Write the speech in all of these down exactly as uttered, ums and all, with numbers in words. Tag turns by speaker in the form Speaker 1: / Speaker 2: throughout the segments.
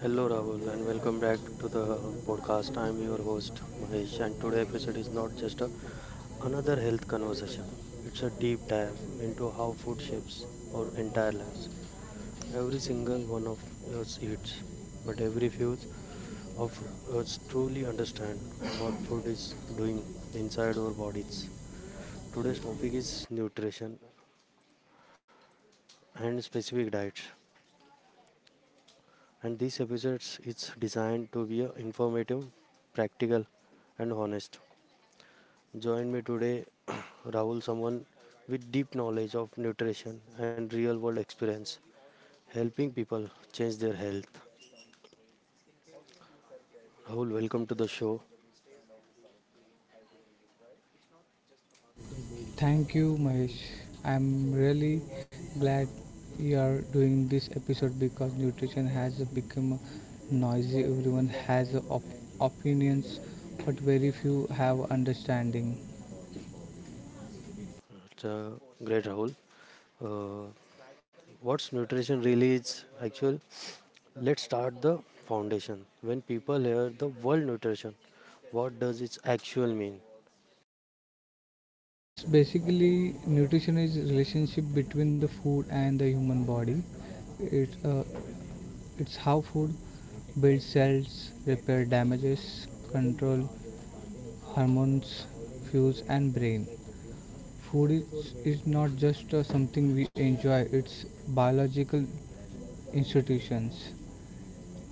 Speaker 1: Hello Rahul and welcome back to the podcast. I'm your host Mahesh and today episode is not just a, another health conversation. It's a deep dive into how food shapes our entire lives. Every single one of us eats, but every few of us truly understand what food is doing inside our bodies. Today's topic is nutrition and specific diets. And this episode is designed to be uh, informative, practical and honest. Join me today, Rahul, someone with deep knowledge of nutrition and real world experience, helping people change their health. Rahul, welcome to the show.
Speaker 2: Thank you, Mahesh. I'm really glad you are doing this episode because nutrition has become noisy. Everyone has op- opinions, but very few have understanding.
Speaker 1: It's, uh, great, Rahul. Uh, what's nutrition really is? Actually, let's start the foundation. When people hear the word nutrition, what does its actual mean?
Speaker 2: It's basically Nutrition is relationship between the food and the human body. It's uh, it's how food builds cells, repair damages, control hormones, fuels and brain. Food is, is not just uh, something we enjoy, it's biological institutions.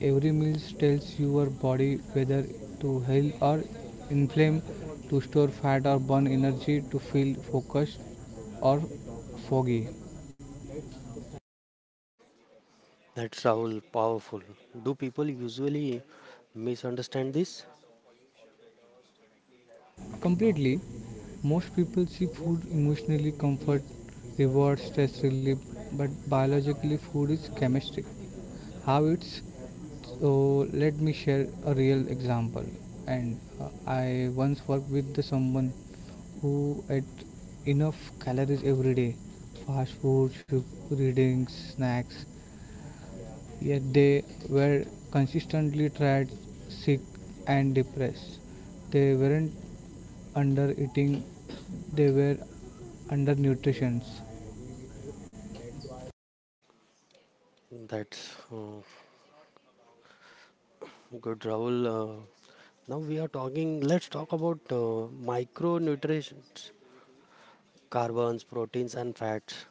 Speaker 2: Every meal tells your body whether to heal or inflame, to store fat or burn energy, to feel focused or foggy.
Speaker 1: That's Rahul, powerful. Do people usually misunderstand this?
Speaker 2: Completely, most people see food emotionally comfort, reward, stress relief, but biologically, food is chemistry. How it's so let me share a real example. And uh, I once worked with the someone who ate enough calories every day, fast food, sugar, readings, snacks, yet they were consistently tired, sick, and depressed. They weren't under eating, they were under nutrition.
Speaker 1: That's uh, Good, Rahul. Uh, now we are talking, let's talk about uh, micronutrients, carbons, proteins, and fats.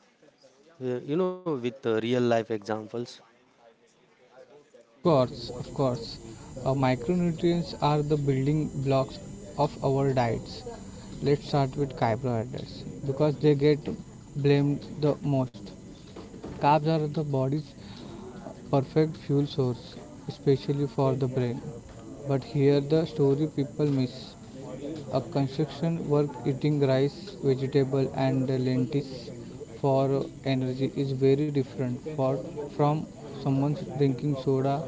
Speaker 1: Uh, you know, with uh, real life examples.
Speaker 2: Of course, of course, uh, micronutrients are the building blocks of our diets. Let's start with carbohydrates because they get blamed the most. Carbs are the body's perfect fuel source, especially for the brain. But here the story people miss. A construction work eating rice, vegetable and lentils for energy is very different for, from someone drinking soda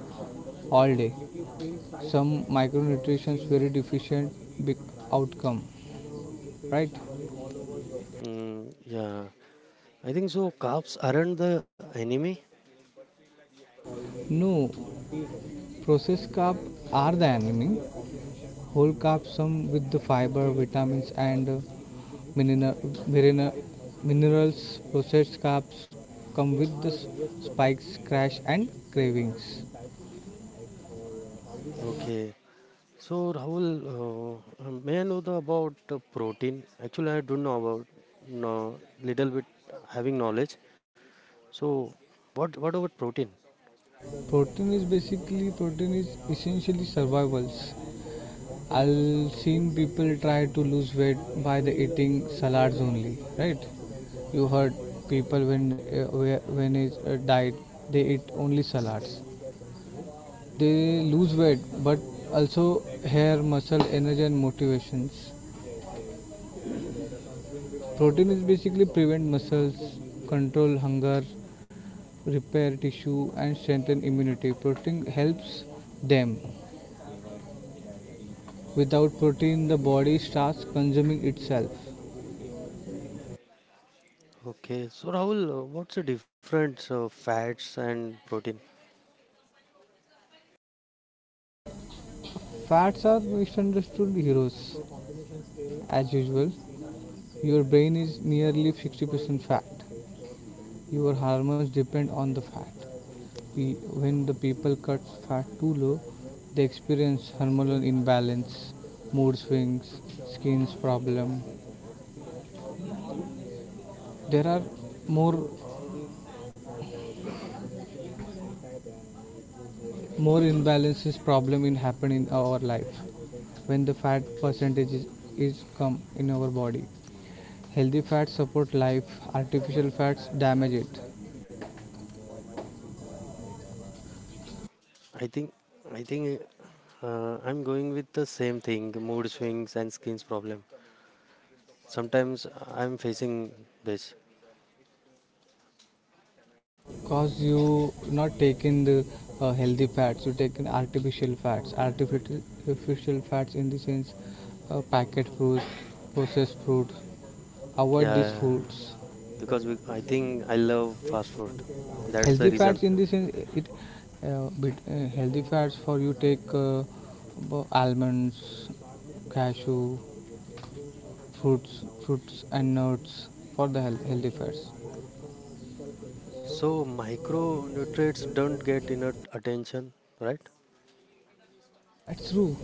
Speaker 2: all day. Some micronutrients very deficient big outcome, right?
Speaker 1: Mm, yeah, I think so. Carbs aren't the enemy.
Speaker 2: No, processed carbs are the enemy. Whole carbs some with the fiber vitamins and uh, mineral, mineral, minerals processed carbs come with the s- spikes crash and cravings.
Speaker 1: Okay. So, Rahul, uh, uh, may I know the, about uh, protein? Actually, I don't know about no little bit having knowledge. So, what what about protein?
Speaker 2: Protein is basically protein is essentially survivals. I'll seen people try to lose weight by the eating salads only, right? You heard people when uh, whe- when is a diet they eat only salads. They lose weight, but also hair, muscle, energy, and motivations. Protein is basically prevent muscles, control hunger, repair tissue, and strengthen immunity. Protein helps them. Without protein, the body starts consuming itself.
Speaker 1: Okay. So, Rahul, uh, what's the difference of fats and protein?
Speaker 2: Fats are misunderstood heroes. As usual, your brain is nearly sixty percent fat. Your hormones depend on the fat. Pe- when the people cut fat too low they experience hormonal imbalance, mood swings, skin's problem. There are more more imbalances problem in happen in our life when the fat percentage is, is come in our body. Healthy fats support life, artificial fats damage it.
Speaker 1: Okay. I think I think uh, I'm going with the same thing, mood swings and skin's problem. Sometimes I'm facing this.
Speaker 2: Because you not taking the uh, healthy fats, you taking artificial fats. Artificial artificial fats in the sense uh, packet foods, processed foods. Avoid these
Speaker 1: Yeah,
Speaker 2: foods.
Speaker 1: because we- I think I love fast food. That's the
Speaker 2: Healthy
Speaker 1: reason.
Speaker 2: fats in the sense it uh, bit, uh, healthy fats for you take uh, almonds, cashew, fruits fruits and nuts for the health, healthy fats.
Speaker 1: So micronutrients don't get enough attention, right?
Speaker 2: That's true.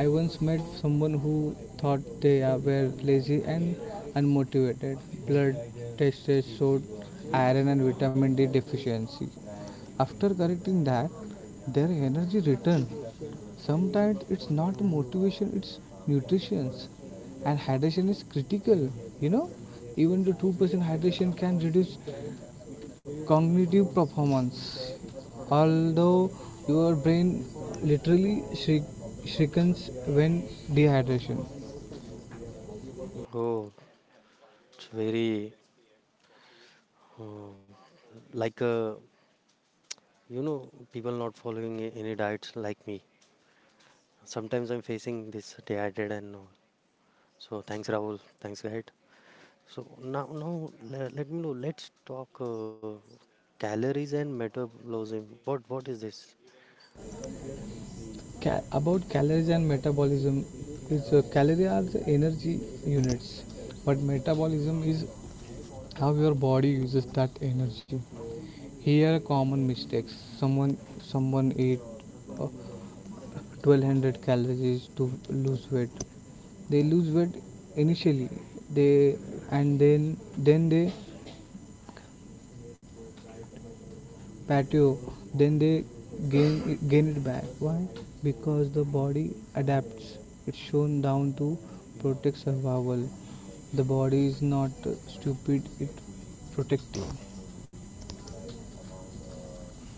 Speaker 2: I once met someone who thought they are- were lazy and unmotivated. Blood tests showed iron and vitamin D deficiency. After correcting that, their energy returned. Sometimes it's not motivation, it's nutrition. And hydration is critical, you know. Even the two percent hydration can reduce cognitive performance. Although your brain literally shri- shrinks when dehydration.
Speaker 1: Oh, it's very oh, like uh, you know people not following a- any diets like me. Sometimes I'm facing this dehydrated and all. So thanks Rahul, thanks guide. So now, now le- let me know. Let's talk uh, calories and metabolism. What what is this?
Speaker 2: Ca- about calories and metabolism, it's uh, calories are the energy units, but metabolism is how your body uses that energy. Here are common mistakes. Someone someone ate uh, twelve hundred calories to lose weight. They lose weight initially, they and then then they patio then they gain gain it back. Why? Because the body adapts. It's shown down to protect survival. The body is not stupid, it protective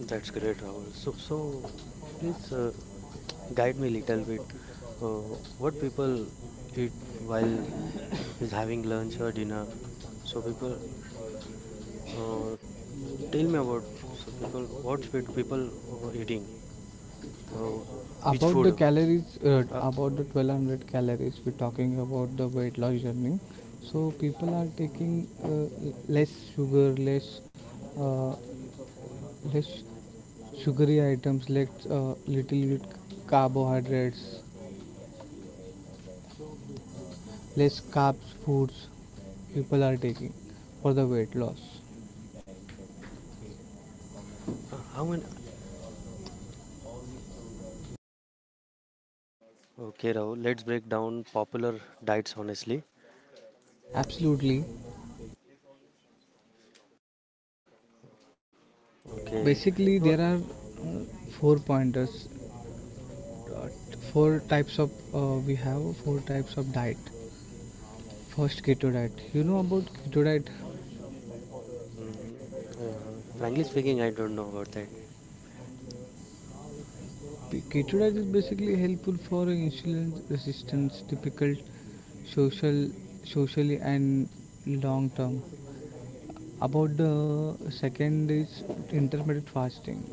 Speaker 1: That's great, Rahul. So so, please uh, guide me a little bit. Uh, what people eat while is having lunch or dinner? So people, uh, tell me about. So people, what's with people uh, eating? Uh, which
Speaker 2: about the
Speaker 1: food?
Speaker 2: calories. Uh,
Speaker 1: Uh,
Speaker 2: about the twelve hundred calories we're talking about the weight loss journey, so people are taking uh, less sugar less uh, less sugary items, less uh, little bit carbohydrates, less carbs foods. People are taking for the weight loss.
Speaker 1: uh, how many? Okay, Rahul. Let's break down popular diets honestly.
Speaker 2: Absolutely.
Speaker 1: Okay, you
Speaker 2: Basically
Speaker 1: are,
Speaker 2: there are uh, four pointers uh, four types of uh, we have four types of diet. First, keto diet. You know about keto diet?
Speaker 1: Mm, uh, frankly speaking, I don't know about that.
Speaker 2: Keto diet is basically helpful for insulin resistance, difficult social, socially and long term. About the second is intermittent fasting.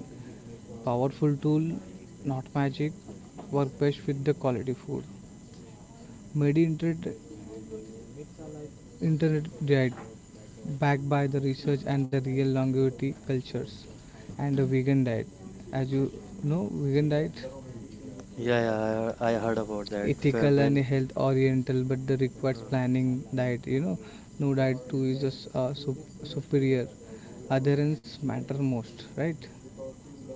Speaker 2: Powerful tool, not magic. Work best with the quality food. Medi internet, Internet diet, backed by the research and the real longevity cultures, and the vegan diet. As you know, vegan diet
Speaker 1: Yeah, yeah, I, I heard about that.
Speaker 2: ethical
Speaker 1: Wh-
Speaker 2: and
Speaker 1: When
Speaker 2: health oriental but the requires planning diet, you know. No diet too is just uh, sup- superior, adherence matter most, right?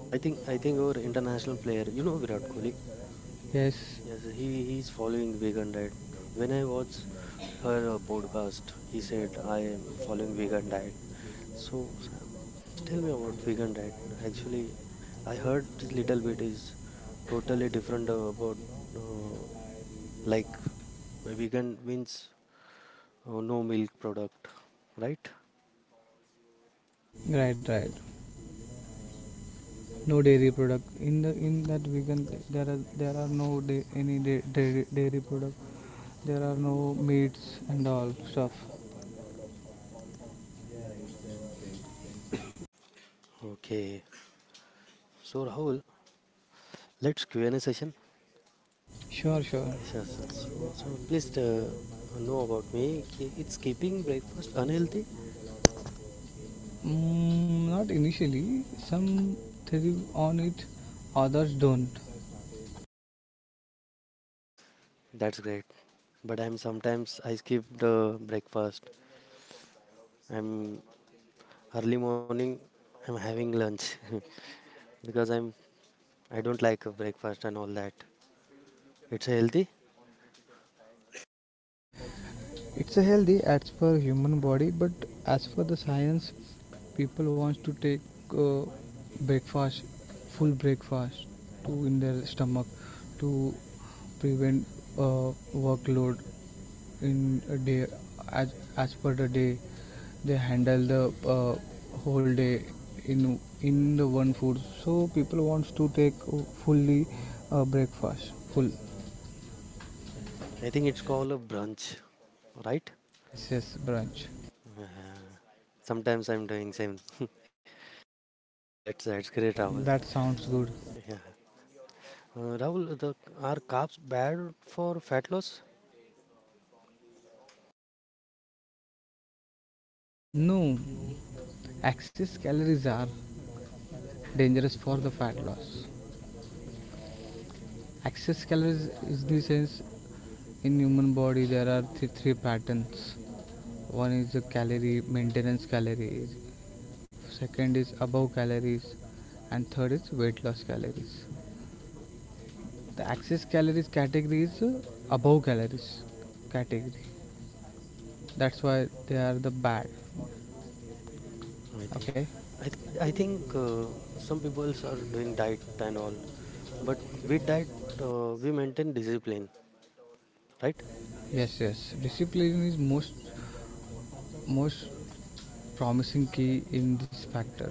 Speaker 1: I think I think our international player, you know Virat Kohli.
Speaker 2: yes
Speaker 1: Yes, he he's following vegan diet. When I watched her uh, podcast, he said I am following vegan diet. So Sam, tell me about vegan diet. Actually, I heard this little bit is totally different uh, about uh, like vegan means uh, no milk product, right?
Speaker 2: right, right, no dairy product in the in that vegan there are there are no da- any da- dairy, dairy product. There are no meats and all stuff.
Speaker 1: Okay. So Rahul, let's Q and A session.
Speaker 2: Sure, sure.
Speaker 1: Yes, yes, yes. So, so please uh, know about me. Ki- It's keeping breakfast unhealthy.
Speaker 2: Mm, not initially. Some theory on it, others don't.
Speaker 1: That's great. But I'm sometimes I skip the breakfast. I'm early morning. I'm having lunch because I'm I don't like uh, breakfast and all that. It's healthy.
Speaker 2: It's a healthy as for human body, but as for the science, people wants to take uh, breakfast, full breakfast, to in their stomach, to prevent uh, workload in a day. As as per the day, they handle the uh, whole day in in the one food. So people wants to take uh, fully uh, breakfast, full.
Speaker 1: I think it's called a brunch, right?
Speaker 2: Yes, yes, brunch.
Speaker 1: Sometimes I'm doing same. that's that's great, Rahul.
Speaker 2: That sounds good.
Speaker 1: Yeah, uh, Rahul, the, are carbs bad for fat loss?
Speaker 2: No, excess calories are dangerous for the fat loss. Excess calories is the sense in human body there are three, three patterns. One is the calorie maintenance calories, second is above calories, and third is weight loss calories. The excess calories category is uh, above calories category, that's why they are the bad.
Speaker 1: I think,
Speaker 2: Okay.
Speaker 1: I, th- I think uh, some people are doing diet and all, but with diet uh, we maintain discipline, right?
Speaker 2: Yes, yes, discipline is most most promising key in this factor.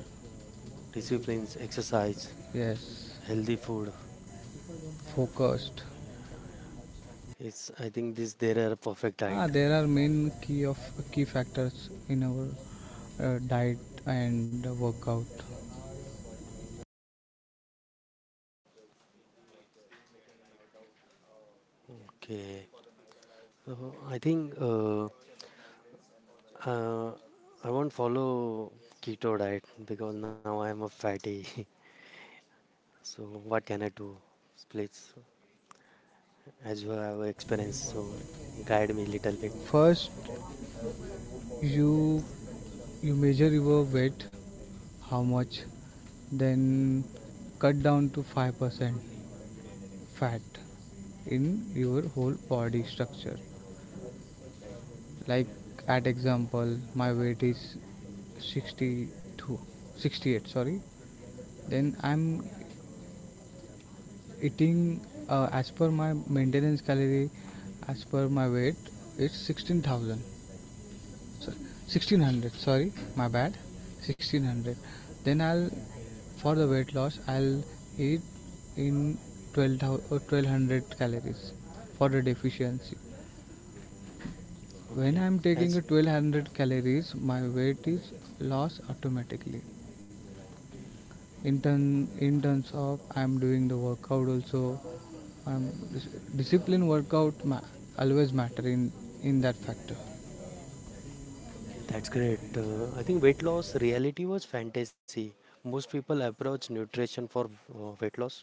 Speaker 1: Disciplines, exercise,
Speaker 2: Yes,
Speaker 1: healthy food.
Speaker 2: focused.
Speaker 1: It's I think this there are perfect diet.
Speaker 2: Ah, there are main key of key factors in our uh, diet and workout.
Speaker 1: Okay, so I think uh, uh, I won't follow keto diet because now I am a fatty. so what can I do? Please, as you have experience, so guide me little bit.
Speaker 2: First, you you measure your weight. How much? Then cut down to five percent fat in your whole body structure. Like at example my weight is sixty two, sixty eight. Sorry. Then I'm eating uh, as per my maintenance calorie, as per my weight, it's sixteen thousand. So sixteen hundred, sorry, my bad. sixteen hundred. Then I'll, for the weight loss, I'll eat in twelve thousand, twelve hundred calories for the deficiency. When
Speaker 1: Okay,
Speaker 2: I'm taking a
Speaker 1: as
Speaker 2: twelve hundred calories, my weight is lost automatically. in turn in terms of I'm doing the workout also, I'm dis- discipline workout ma- always matter in in that factor.
Speaker 1: Okay, that's great. Uh, I think weight loss reality was fantasy. Most people approach nutrition for uh, weight loss.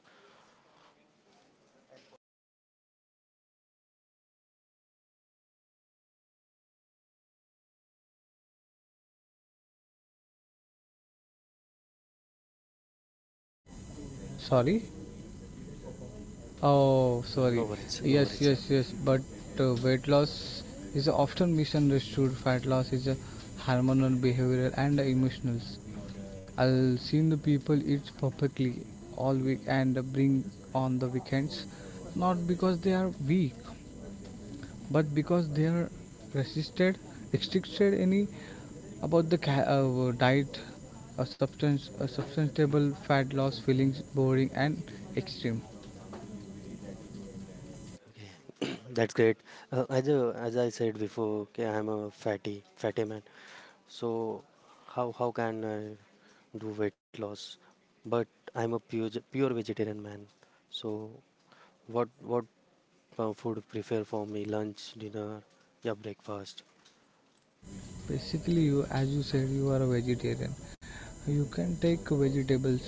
Speaker 2: Sorry, oh
Speaker 1: No no
Speaker 2: sorry.
Speaker 1: worries, no
Speaker 2: Yes,
Speaker 1: worries.
Speaker 2: yes, yes, but uh, weight loss is often misunderstood. Fat loss is a hormonal, behavioral and emotional. I have seen the people eat perfectly all week and bring on the weekends, not because they are weak but because they are resisted restricted any about the ca- uh, diet. A substance a substantiable fat loss feelings boring and extreme.
Speaker 1: Okay, that's great. Uh, as a, as I said before, okay, I'm a fatty, fatty man. So how how can I do weight loss? But I'm a pure ge- pure vegetarian man. So what what uh, food prefer for me? Lunch, dinner, yeah, breakfast.
Speaker 2: Basically you, as you said you are a vegetarian, you can take vegetables,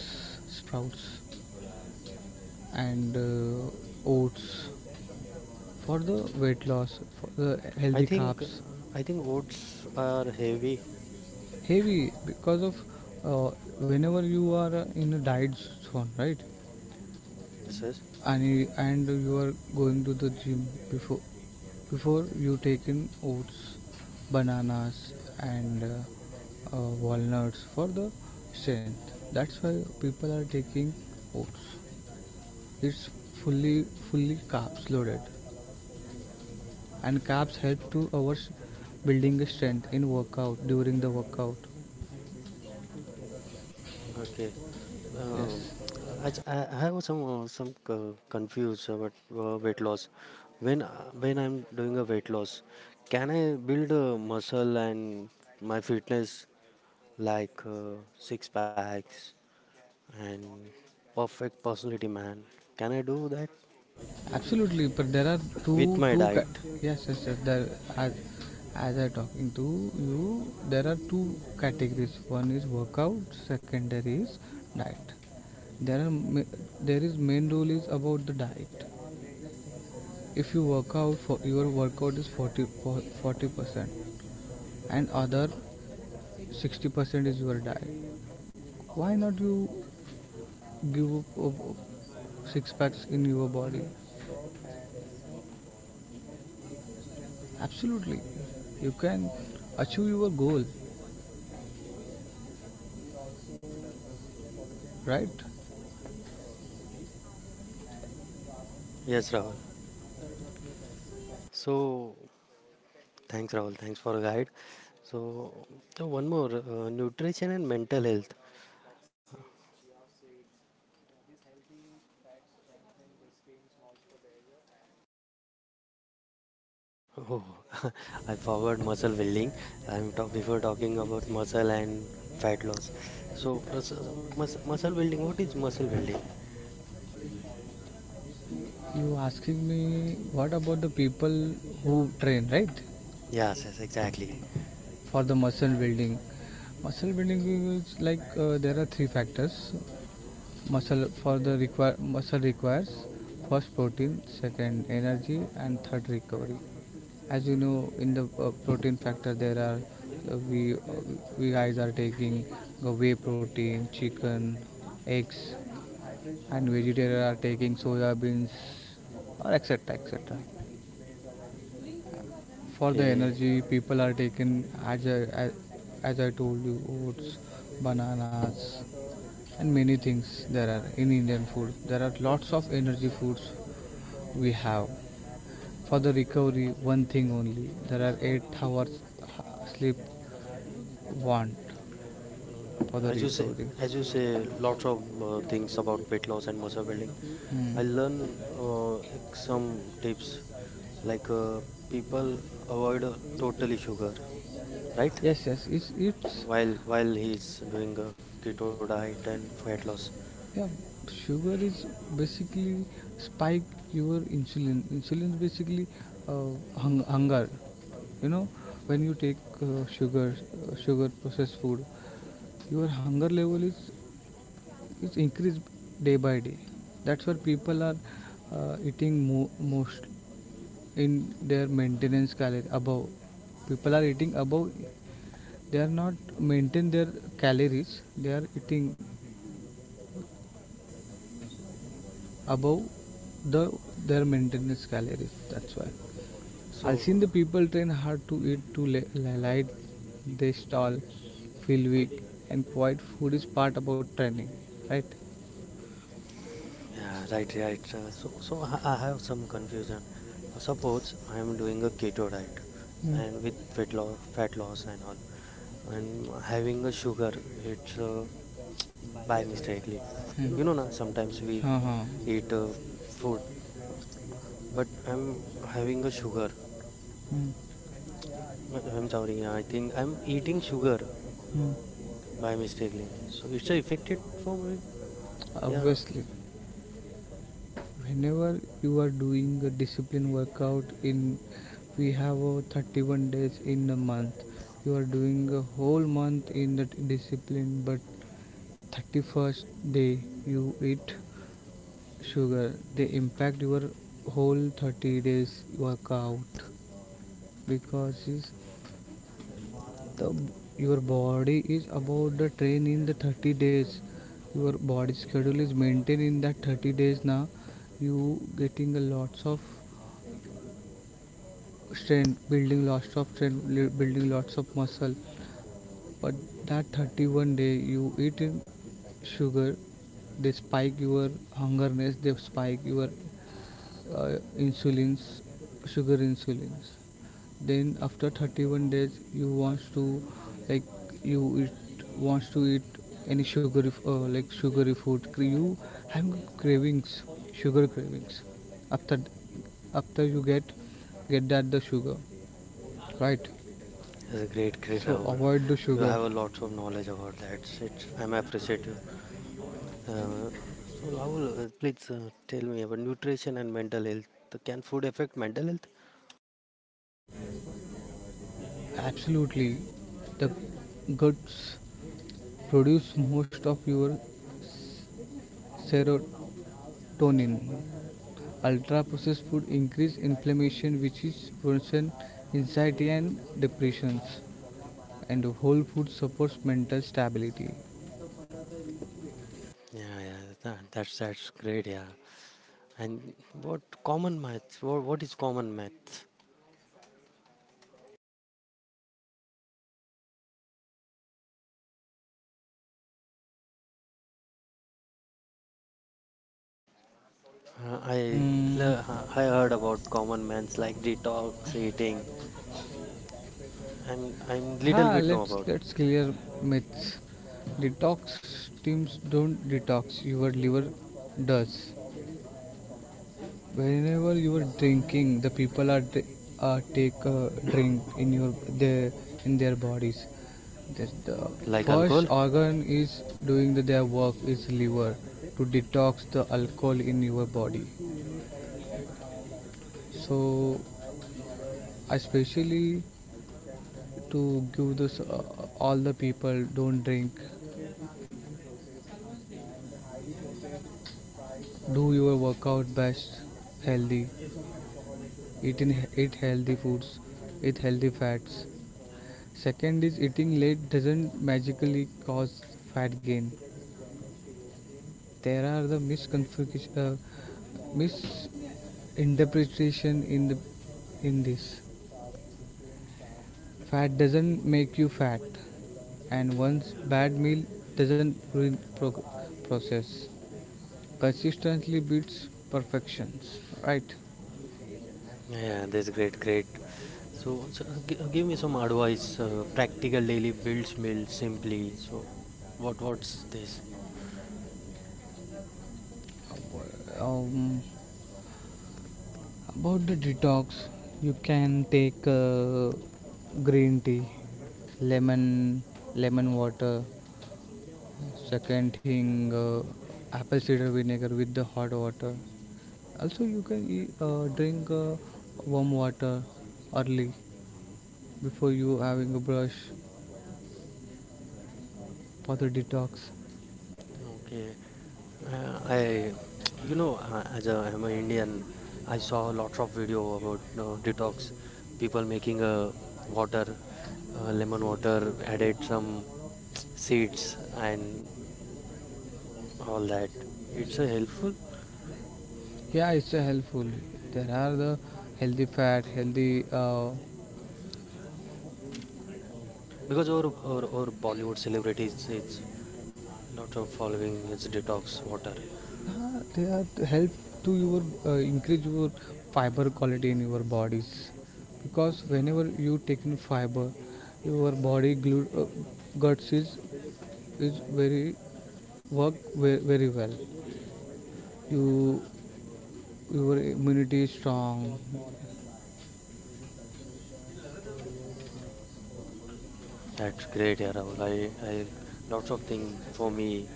Speaker 2: sprouts and uh, oats for the weight loss for the
Speaker 1: I
Speaker 2: healthy
Speaker 1: think uh,
Speaker 2: carbs.
Speaker 1: I think oats are heavy.
Speaker 2: Heavy because of uh, whenever you are uh, in a diet zone, right?
Speaker 1: Yes, yes.
Speaker 2: and and you are going to the gym, before before you take in oats, bananas and uh, uh, walnuts for the strength. That's why people are taking oats. It's fully fully carbs loaded, and carbs help to our building strength in workout during the workout.
Speaker 1: Okay. Um,
Speaker 2: Yes.
Speaker 1: I, j- I I have some uh, some uh, confused about uh, weight loss. When uh, when I'm doing a weight loss, can I build a muscle and my fitness like uh, six packs and perfect personality man? Can I do that
Speaker 2: Absolutely, but there are
Speaker 1: with
Speaker 2: two
Speaker 1: my
Speaker 2: two ki-
Speaker 1: diet?
Speaker 2: yes, yes, yes, there, as as I talking to you there are two categories. One is workout, secondary is diet. There are ma- there is main rule is about the diet. If you work out for your workout is forty forty percent, and other sixty percent is your diet. Why not you give up, up, up six packs in your body? Absolutely. You can achieve your goal, right?
Speaker 1: Yes, Rahul. So thanks, Rahul. Thanks for a guide. So so one more uh, nutrition and mental health. Oh, I forgot muscle building. I'm talk before talking about muscle and fat loss. So, uh, so- so mus- muscle building. What is muscle building?
Speaker 2: You asking me what about the people who train, right?
Speaker 1: Yes, yes, exactly.
Speaker 2: For the muscle building. Muscle building is like uh, there are three factors. Muscle for the require muscle requires first protein, second energy, and third recovery. As you know, in the uh, protein factor there are uh, we uh, we guys are taking uh, whey protein, chicken, eggs, and vegetarian are taking soya beans or etc etc. For the
Speaker 1: Okay.
Speaker 2: energy people are taking, as I, as, as I told you, oats, bananas and many things. There are in Indian food there are lots of energy foods we have. For the recovery, one thing only, there are eight hours sleep want for the
Speaker 1: As you
Speaker 2: recovery.
Speaker 1: say, as you say, lots of uh, things about weight loss and muscle building. I
Speaker 2: Hmm.
Speaker 1: learn uh, like some tips like uh, people avoid uh, totally sugar, right?
Speaker 2: Yes, yes, it's it's
Speaker 1: While while he's doing a keto diet and fat loss.
Speaker 2: yeah. Sugar is basically spike your insulin. Insulin is basically uh, hung, hunger. You know, when you take uh, sugar, uh, sugar processed food, your hunger level is is increased day by day. That's why people are uh, eating mo- most in their maintenance calorie above. People are eating above, they are not maintain their calories, they are eating above the their maintenance calories, that's why. I've seen
Speaker 1: So
Speaker 2: the people train hard to eat too light, they stall, feel weak, and quiet food is part about training, right?
Speaker 1: yeah, right, right. Uh, so, so I I have some confusion. Uh, Suppose I am doing a keto diet
Speaker 2: Hmm.
Speaker 1: and with fat loss, fat
Speaker 2: hmm
Speaker 1: loss and all, and having a sugar, it's uh, by mistakely. You know, na, sometimes we
Speaker 2: হ্যাঁ হ্যাঁ হুম
Speaker 1: eat uh, food, but I'm having a sugar.
Speaker 2: Hmm.
Speaker 1: But I'm sorry, yeah, I think I'm eating sugar by mistakely. So it's uh, affected for me. Yeah,
Speaker 2: Obviously, whenever you are doing a discipline workout in we have a thirty one days in a month, you are doing a whole month in that discipline, but thirty first day you eat sugar, they impact your whole thirty days workout. Because is the your body is about the train in the thirty days, your body schedule is maintained in that thirty days. Now you getting a lots of strength building lots of strength building lots of muscle, but that thirty one day you eat sugar, they spike your hungerness, they spike your uh, insulins, sugar insulins. Then after thirty-one days, you wants to like you eat wants to eat any sugary f- uh, like sugary food. You have cravings, sugar cravings. After after you get get that the sugar, right?
Speaker 1: that's a great, great
Speaker 2: So
Speaker 1: Rahul.
Speaker 2: avoid the
Speaker 1: You
Speaker 2: sugar.
Speaker 1: have a lot of knowledge about that. It's, I'm appreciative. Uh, so Rahul, uh, please uh, tell me about nutrition and mental health. Can food affect mental health?
Speaker 2: Absolutely, the guts produce most of your s- sero- tonin. Ultra processed food increase inflammation which is production anxiety and depressions and whole food supports mental stability.
Speaker 1: Yeah, yeah, that, that's that's great. Yeah, and what common maths? What what is common maths? Uh, I
Speaker 2: Mm,
Speaker 1: le- I heard about common maths like detox, eating. I'm I'm
Speaker 2: ha,
Speaker 1: little bit know
Speaker 2: let's
Speaker 1: about
Speaker 2: let's clear myths. Detox teams don't detox, your liver does. Whenever you are drinking the people are dr- uh, take a drink in your their in their bodies that the
Speaker 1: like
Speaker 2: first
Speaker 1: alcohol.
Speaker 2: organ is doing the, their work is liver to detox the alcohol in your body, so especially to give this uh, all the people don't drink, do your workout best, healthy, eat in, eat healthy foods, eat healthy fats. Second is eating late doesn't magically cause fat gain. There are the misconfiguration, uh, misinterpretation in the in this. Fat doesn't make you fat, and one's bad meal doesn't ruin pro- process. Consistently beats perfections, right?
Speaker 1: Yeah, that's great, great. So, so gi- give me some advice. Uh, practical daily builds meal simply. So, what what's this?
Speaker 2: Um, About the detox, you can take uh, green tea, lemon, lemon water. Second thing, uh, apple cider vinegar with the hot water. Also, you can e- uh, drink uh, warm water early before you having a brush for the detox.
Speaker 1: Okay, Uh, I, you know, uh, as a, I'm an Indian, I saw a lot of video about uh, detox, people making a water, uh, lemon water, added some seeds and all that. It's a helpful
Speaker 2: Yeah, it's a helpful, there are the healthy fat healthy uh, uh,
Speaker 1: because our, our, our Bollywood celebrities, it's lot of following its detox water.
Speaker 2: they are to help to your uh, increase your fiber quality in your bodies because whenever you take in fiber your body glu- uh, guts is is very work very very well, you, your immunity is strong.
Speaker 1: That's great, yeah, Rahul. I, I lots of things for me.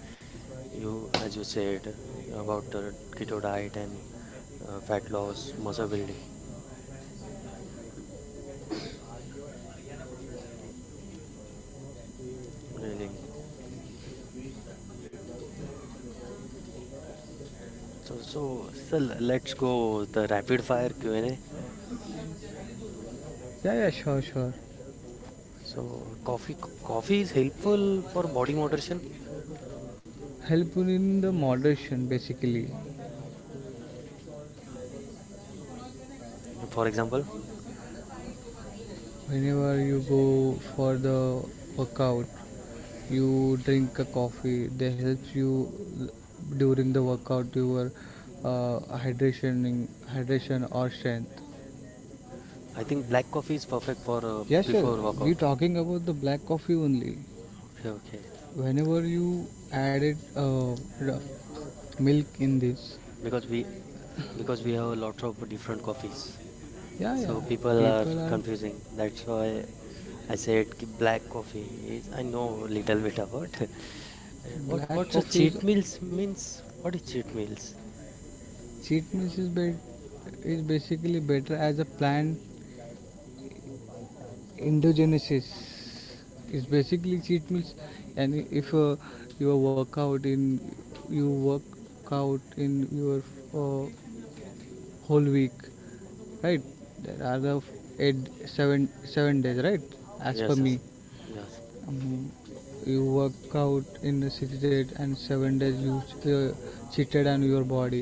Speaker 1: You, as you said, about uh, keto diet and uh, fat loss, muscle building. Really. So, so, so l- let's go the rapid fire Q and A.
Speaker 2: Yeah yeah sure, sure,
Speaker 1: So, coffee coffee is helpful for body moderation.
Speaker 2: help you in the moderation basically.
Speaker 1: For example,
Speaker 2: Whenever you go for the workout you drink a coffee, they helps you during the workout your uh, hydration hydration or strength.
Speaker 1: I think black coffee is perfect for uh,
Speaker 2: Yes sir.
Speaker 1: before
Speaker 2: We
Speaker 1: workout.
Speaker 2: talking about the black coffee only.
Speaker 1: Okay, okay.
Speaker 2: Whenever you added uh, r- milk in this,
Speaker 1: Because we because we have lots of different coffees.
Speaker 2: yeah,
Speaker 1: So
Speaker 2: yeah,
Speaker 1: people are
Speaker 2: people are
Speaker 1: confusing. That's why I said ki black coffee is I know little bit about. And what
Speaker 2: black
Speaker 1: what's a
Speaker 2: coffee is
Speaker 1: cheat meals means? What is cheat meals?
Speaker 2: cheat meals is, be- is basically better as a plant endogenesis is basically cheat meals. And if uh, you work out in you work out in your uh, whole week, right, there are the f- eight seven seven days, right, as per
Speaker 1: Yes, yes.
Speaker 2: me.
Speaker 1: Yes.
Speaker 2: um, you work out in the six days, and seven days you uh, cheated on your body,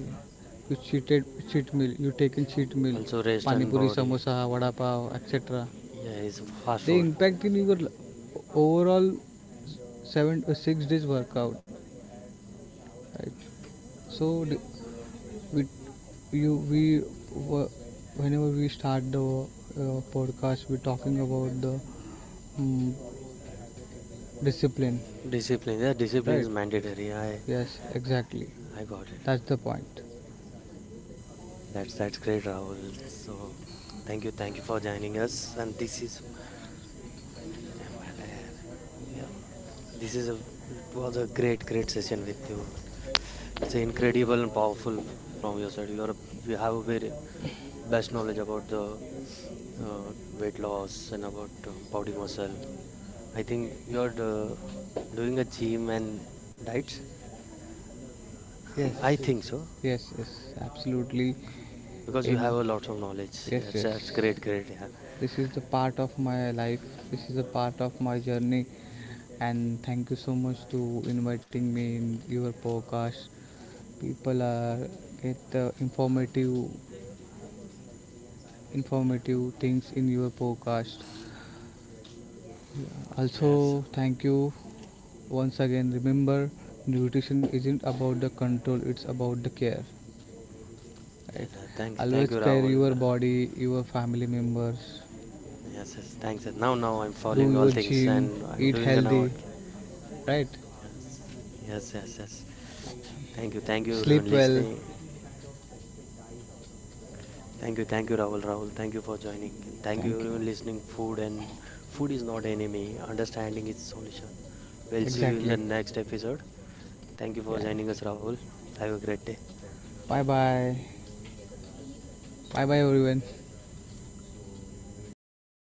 Speaker 2: you cheated, cheat meal you taken cheat meal,
Speaker 1: Also rest
Speaker 2: pani
Speaker 1: and
Speaker 2: puri
Speaker 1: body.
Speaker 2: samosa vada pav etc.
Speaker 1: Yeah, it's fast
Speaker 2: They
Speaker 1: food.
Speaker 2: impact in your overall seven or six days workout, right? So d- we you we whenever we start the uh, podcast we're talking about the mm discipline,
Speaker 1: Discipline. Yeah, discipline
Speaker 2: right?
Speaker 1: is mandatory. I
Speaker 2: Yes, exactly,
Speaker 1: I got it.
Speaker 2: that's the point.
Speaker 1: That's that's great, Rahul. So thank you, thank you for joining us. And this is oh yeah. This is a it was a great, great session with you. It's incredible and powerful from your side. You are you have a very best knowledge about the uh, weight loss and about uh, body muscle. I think you're uh, doing a gym and diets.
Speaker 2: Yes,
Speaker 1: I think so.
Speaker 2: yes, yes, absolutely.
Speaker 1: Because you have
Speaker 2: In
Speaker 1: a lot of knowledge.
Speaker 2: yes,
Speaker 1: That's
Speaker 2: yes,
Speaker 1: that's great, great. Yeah.
Speaker 2: this is the part of my life. This is a part of my journey, and thank you so much to inviting me in your podcast. People are Get the informative informative things in your podcast.
Speaker 1: Yes.
Speaker 2: Also, thank you once again. Remember, nutrition isn't about the control, it's about the care. Right?
Speaker 1: Yes. Uh, thanks. Thank
Speaker 2: Always
Speaker 1: you,
Speaker 2: care
Speaker 1: Rahul.
Speaker 2: your
Speaker 1: Uh,
Speaker 2: body, your family members.
Speaker 1: yes. Yes. Thanks. Yes. Now, now I'm
Speaker 2: Do
Speaker 1: following all
Speaker 2: your
Speaker 1: things
Speaker 2: gym,
Speaker 1: and I'm
Speaker 2: eat
Speaker 1: doing an
Speaker 2: healthy,
Speaker 1: out.
Speaker 2: right?
Speaker 1: Yes. Yes. Yes. Thank you. Thank you, everyone
Speaker 2: Sleep well.
Speaker 1: listening. Thank you. Thank you, Rahul. Rahul. Thank you for joining and thank you,
Speaker 2: Thank you.
Speaker 1: everyone listening. Food and food is not enemy. Understanding is solution. We'll see you in the
Speaker 2: Exactly.
Speaker 1: next episode. Thank you
Speaker 2: Yeah,
Speaker 1: for joining
Speaker 2: yeah.
Speaker 1: us, Rahul. Have a great day.
Speaker 2: Bye bye. Bye bye, everyone.